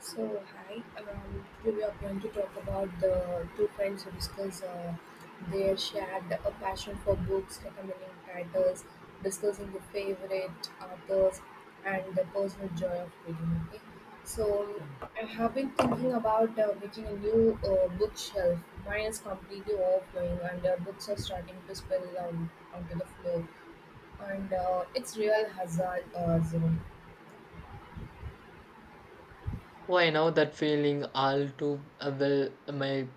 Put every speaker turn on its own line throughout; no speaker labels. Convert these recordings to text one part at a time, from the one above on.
So, hi. Today we are going to talk about the two friends who discuss their shared a passion for books, recommending titles, discussing the favorite authors, and the personal joy of reading. Okay. So, I have been thinking about making a new bookshelf. Mine is completely overflowing, and books are starting to spill onto the floor. And it's real hazard zone.
Oh, I know that feeling all too well. My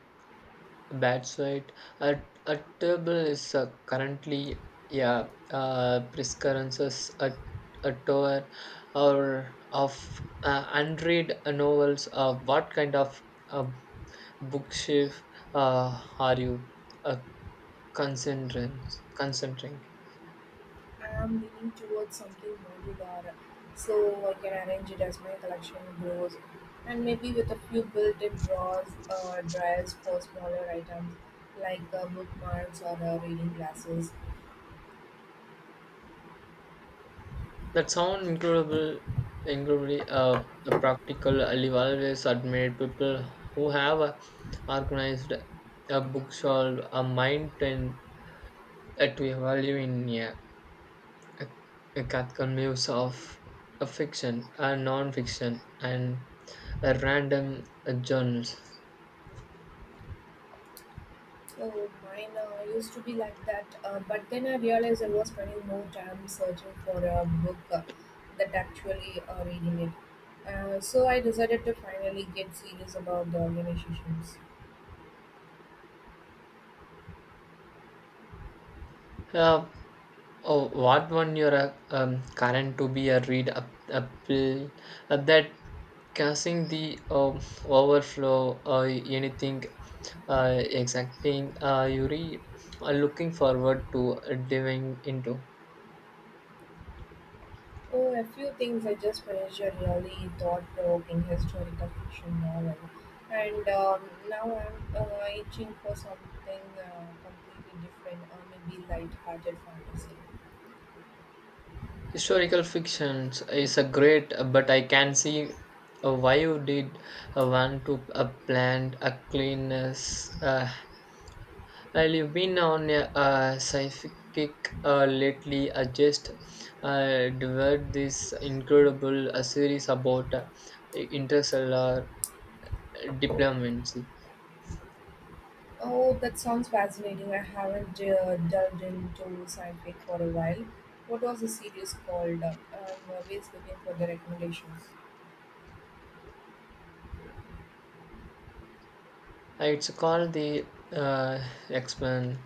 bad side at a table is currently, yeah, preferences at a tour or of unread novels. What kind of uh, bookshelf are you uh, concentrating? Concentrating.
I am leaning towards something modular, so I can arrange it as my collection grows, and maybe with a few built-in drawers, dryers for smaller items like bookmarks or reading glasses.
That sound incredible, incredibly practical. I've always admired people who have organized a bookshelf, a mind and to value in a, a cathedral muse of a fiction, a non-fiction, and a random journals.
So mine used to be like that, but then I realized I was spending more time searching for a book that actually reading it. So I decided to finally get serious about the organizations.
Uh, Oh, what one you're current to be a read up that causing the overflow or anything exacting are looking forward to diving into.
Oh, a few things. I just finished a really thought-provoking historical fiction novel, and now I'm itching for something completely different, or maybe light-hearted fantasy.
Historical fictions is a great, but I can see why you did want to plan a cleanness. Well, you've been on a sci-fi kick lately. I just devoured this incredible series about interstellar diplomacy.
Oh, that sounds fascinating. I haven't delved into sci-fi for a while. What was the series called? I'm always looking for the recommendations.
It's called the X-Men.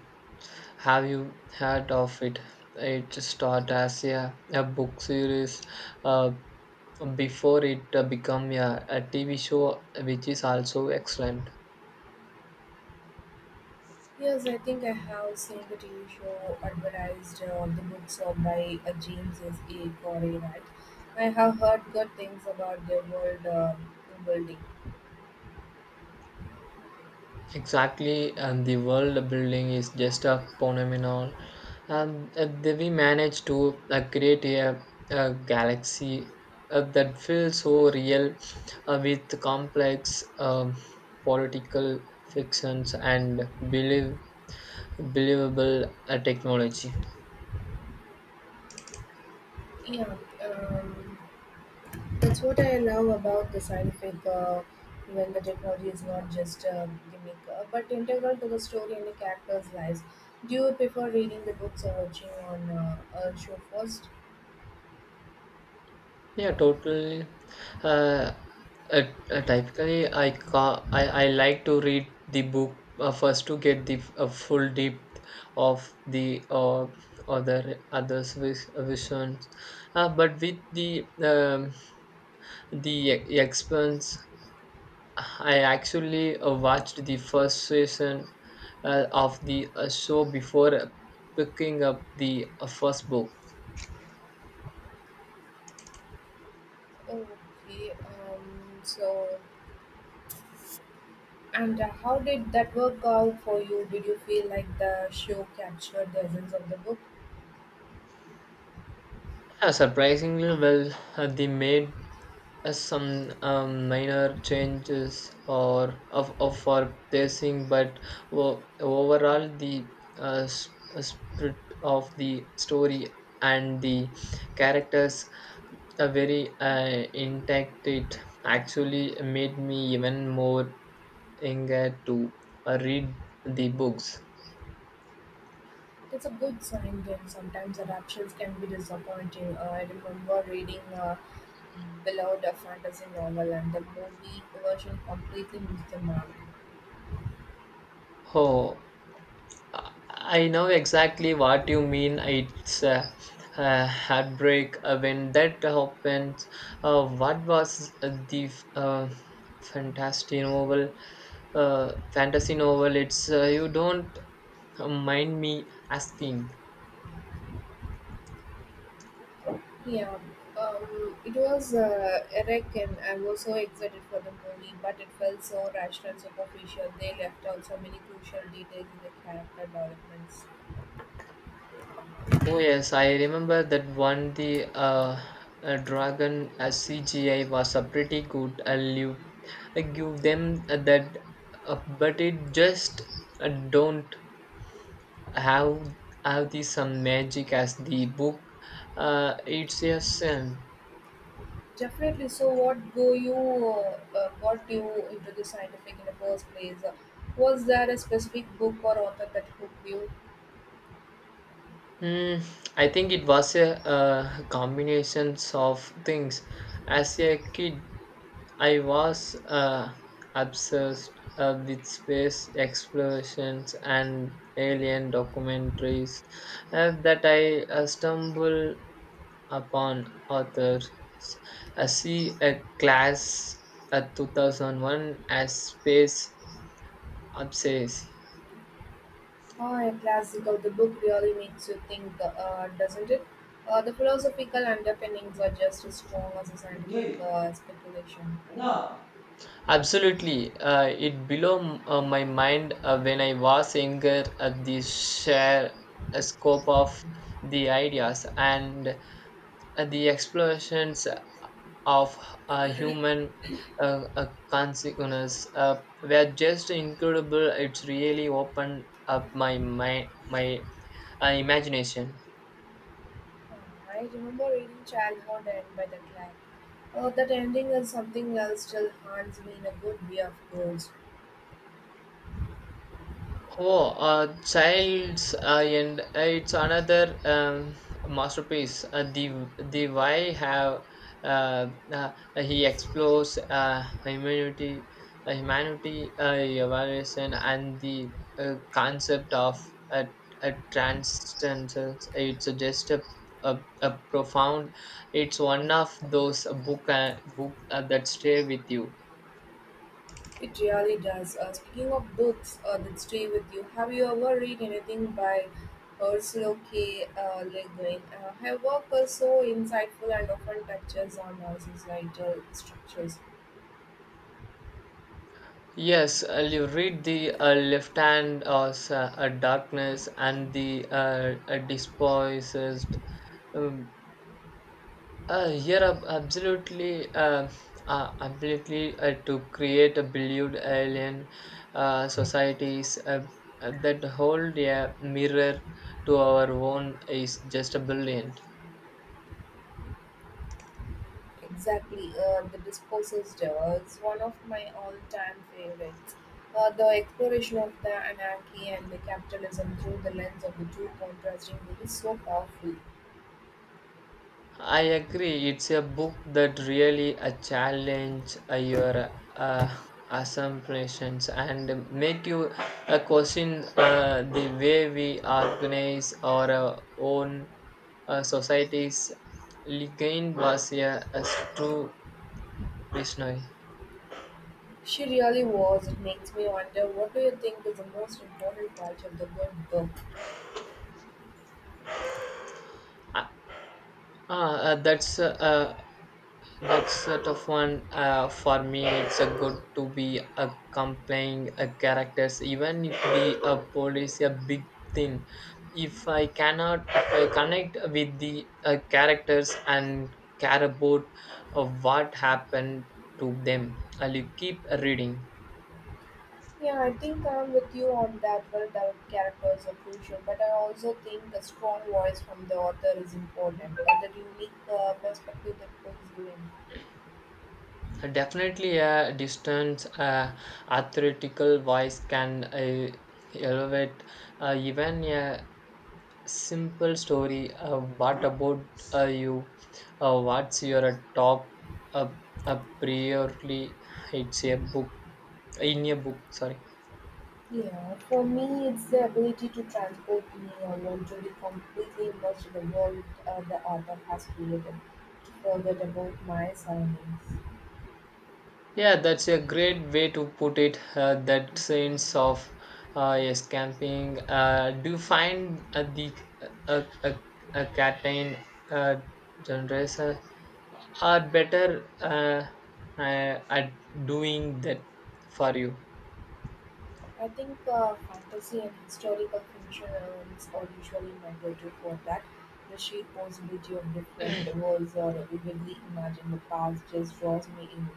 Have you heard of it? It started as a book series uh, before it became a TV show, which is also excellent.
Yes, I think I have seen the TV show advertised on the books of by James's A. Corey, right? I have heard good things about the world building.
Exactly, and the world building is just a phenomenon. And we managed to create a galaxy that feels so real with complex political fictions and believe, believable technology.
Yeah, um, that's what I love about the scientific, when the technology is not just a gimmick, but integral to the story and the characters' lives. Do you prefer reading the books or watching on a show first?
Yeah, totally. Uh, typically, I like to read the book first to get the full depth of the others' visions. But with the expense, I actually watched the first season of the show before picking up the first book.
Okay, so and how did that work out for you? Did you feel like the show captured the essence of the book?
Surprisingly well, they made some minor changes of for pacing, but overall the spirit of the story and the characters are very intact. It actually made me even more eager to read the books.
That's a good sign when sometimes adaptations can be disappointing. I remember reading Beloved, a fantasy novel, and the movie version completely missed the mark.
Oh, I know exactly what you mean. It's a heartbreak when that happens. What was fantasy novel? Fantasy novel. It's you don't mind me asking.
Yeah, it was Eric, and I was so excited for the movie, but it felt so rushed and superficial. They left out so many crucial details in the character developments.
Oh yes, I remember that one. The dragon CGI was a pretty good. I give them that, but it just don't have have the some magic as the book it's yes
Definitely. So, what go you got you into the scientific in the first place? Was there a specific book or author that hooked you?
mm, I think it was a combinations of things as a kid I was obsessed with space explorations and alien documentaries that I stumbled upon authors I see a class at 2001 as space. Obsessed.
Ah, a classic of the book really makes you think, doesn't it? The philosophical underpinnings are just as strong as the scientific speculation.
Nah. Absolutely. It my mind when I was younger at the share scope of the ideas and the explosions of human consciousness were just incredible. It's really opened up my imagination.
Uh, I remember reading Childhood and by the Clock. That ending is something that still haunts me, in a good way, of course.
Oh, Child's and it's another masterpiece. The why have uh, uh, he explores humanity, humanity evaluation, and the concept of a, a transcendence. It's just a profound. It's one of those book that stay with you.
It really does. Speaking of books that stay with you, have you ever read anything by Ursula K. Le Guin? Her work is so insightful and often touches on societal structures.
Yes, you read the left hand as a darkness and the a despised. Um, here, absolutely, absolutely, to create a believed alien societies that hold a mirror to our own is just a brilliant.
Exactly, the disposals one of my all-time favorites. The exploration of the anarchy and the capitalism through the lens of the two contrasting views is so powerful.
I agree. It's a book that really a challenge your uh, assumptions and make you question the way we organize our own societies. Ligain was a true visionary.
She really was. It makes me wonder, what do you think is the most important part of the good book?
Uh, uh, that's uh, That's sort of one for me. It's a good to be accompanying a characters, even if the police a big thing. If I connect with the characters and care about what happened to them, I'll keep reading.
Yeah, I think I'm with you on that. Well developed characters are crucial, but I also think a strong voice from the author is important, and the unique perspective that brings you in.
Definitely, a distance, athletical voice can elevate even a simple story what about you, what's your top uh, priorly it's a book in a book, sorry.
Yeah, for me, it's the ability to transport me along, to be completely immersed in the world the author has created, to forget about my surroundings.
Yeah, that's a great way to put it, that sense of yes, camping. Uh, do you find the uh, uh, catain uh, genres are better at doing that for you?
I think fantasy and historical fiction elements are usually my go-to for that. The sheer possibility of different worlds or vividly imagine the past just draws me in.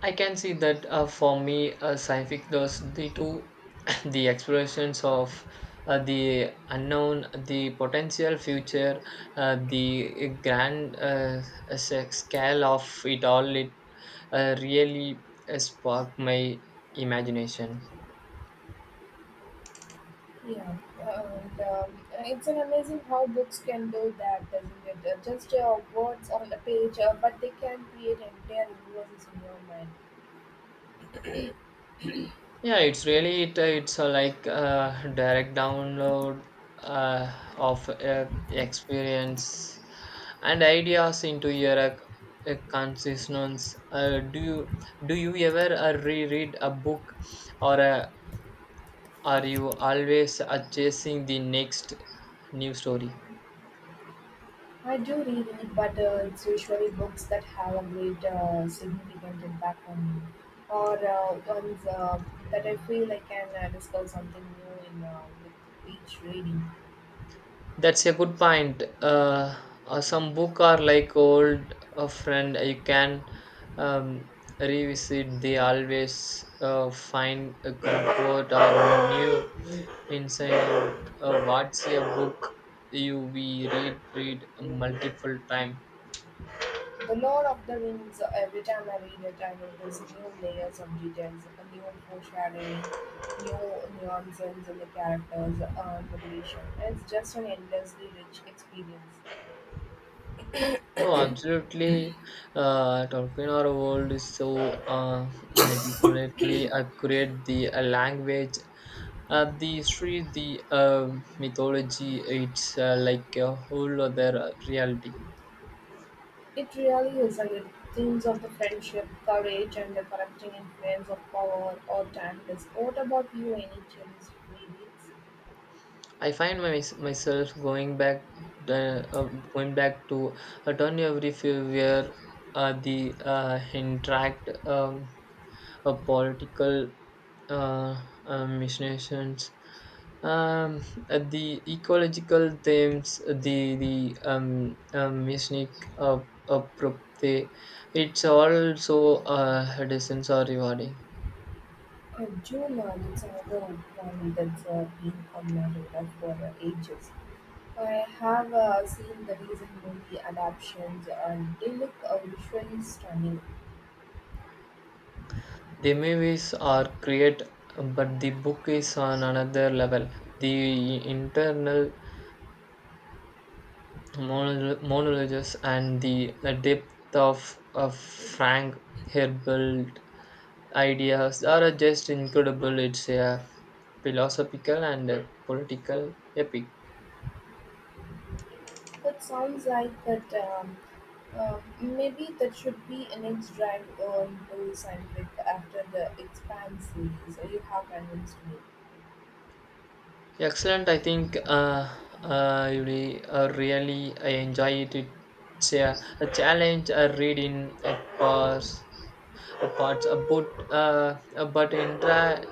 I can see that for me, scientific those the two, the explorations of the unknown, the potential future, the grand scale of it all, it really sparked my imagination.
Yeah, and it's an amazing how books can do that, doesn't it? Just words on a page, but they can create entire universes in your mind.
Yeah, it's really it, it's a like direct download of experience and ideas into your consciousness. Do you ever reread a book, or are you always chasing the next new story?
I do reread, but it's usually books that have a great significant impact on me, or ones that I feel I can discover something new in with each reading.
That's a good point. Some book are like old a friend. You can um, revisit. They always find a comfort or a new insight. What's a book you we read multiple time?
The Lord of the Rings. Every time I read it, I notice new layers of details, a new foreshadowing, new nuances in the characters, motivation. It's just an endlessly rich experience.
Oh, absolutely. Tolkien or world is so meticulously accurate. The language. The Sri, the mythology, it's like a whole other reality.
It really is, and it themes of the friendship, courage, and the corrupting influence of power or titles. What about you? Any chills reads?
I find myself uh, uh, going back to a turn every few where the interact political machinations. Um, the ecological themes, the music apropte, it's also decent or rewarding.
Juno, it's another one that's been on my radar for ages. I have seen the recent movie adaptations and they look visually stunning.
The movies are great, but the book is on another level. The internal monologues and the depth of Frank Herbert ideas are just incredible. It's a philosophical and a political epic.
That sounds like that. Maybe that should be a next drive into Sand after the Expanse series. So you have convinced me.
Excellent. I think really I enjoy it. It's a challenge. I read in a parts, a parts, a but uh, a but intra,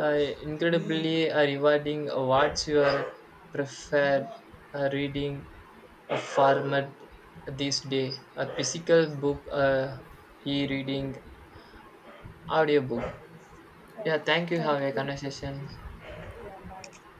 uh, incredibly rewarding. What's your preferred reading format this day? A physical book, e-reading, audiobook.
Okay.
Yeah. Thank you.
Thank
Have a
you.
conversation.
Yeah, bye.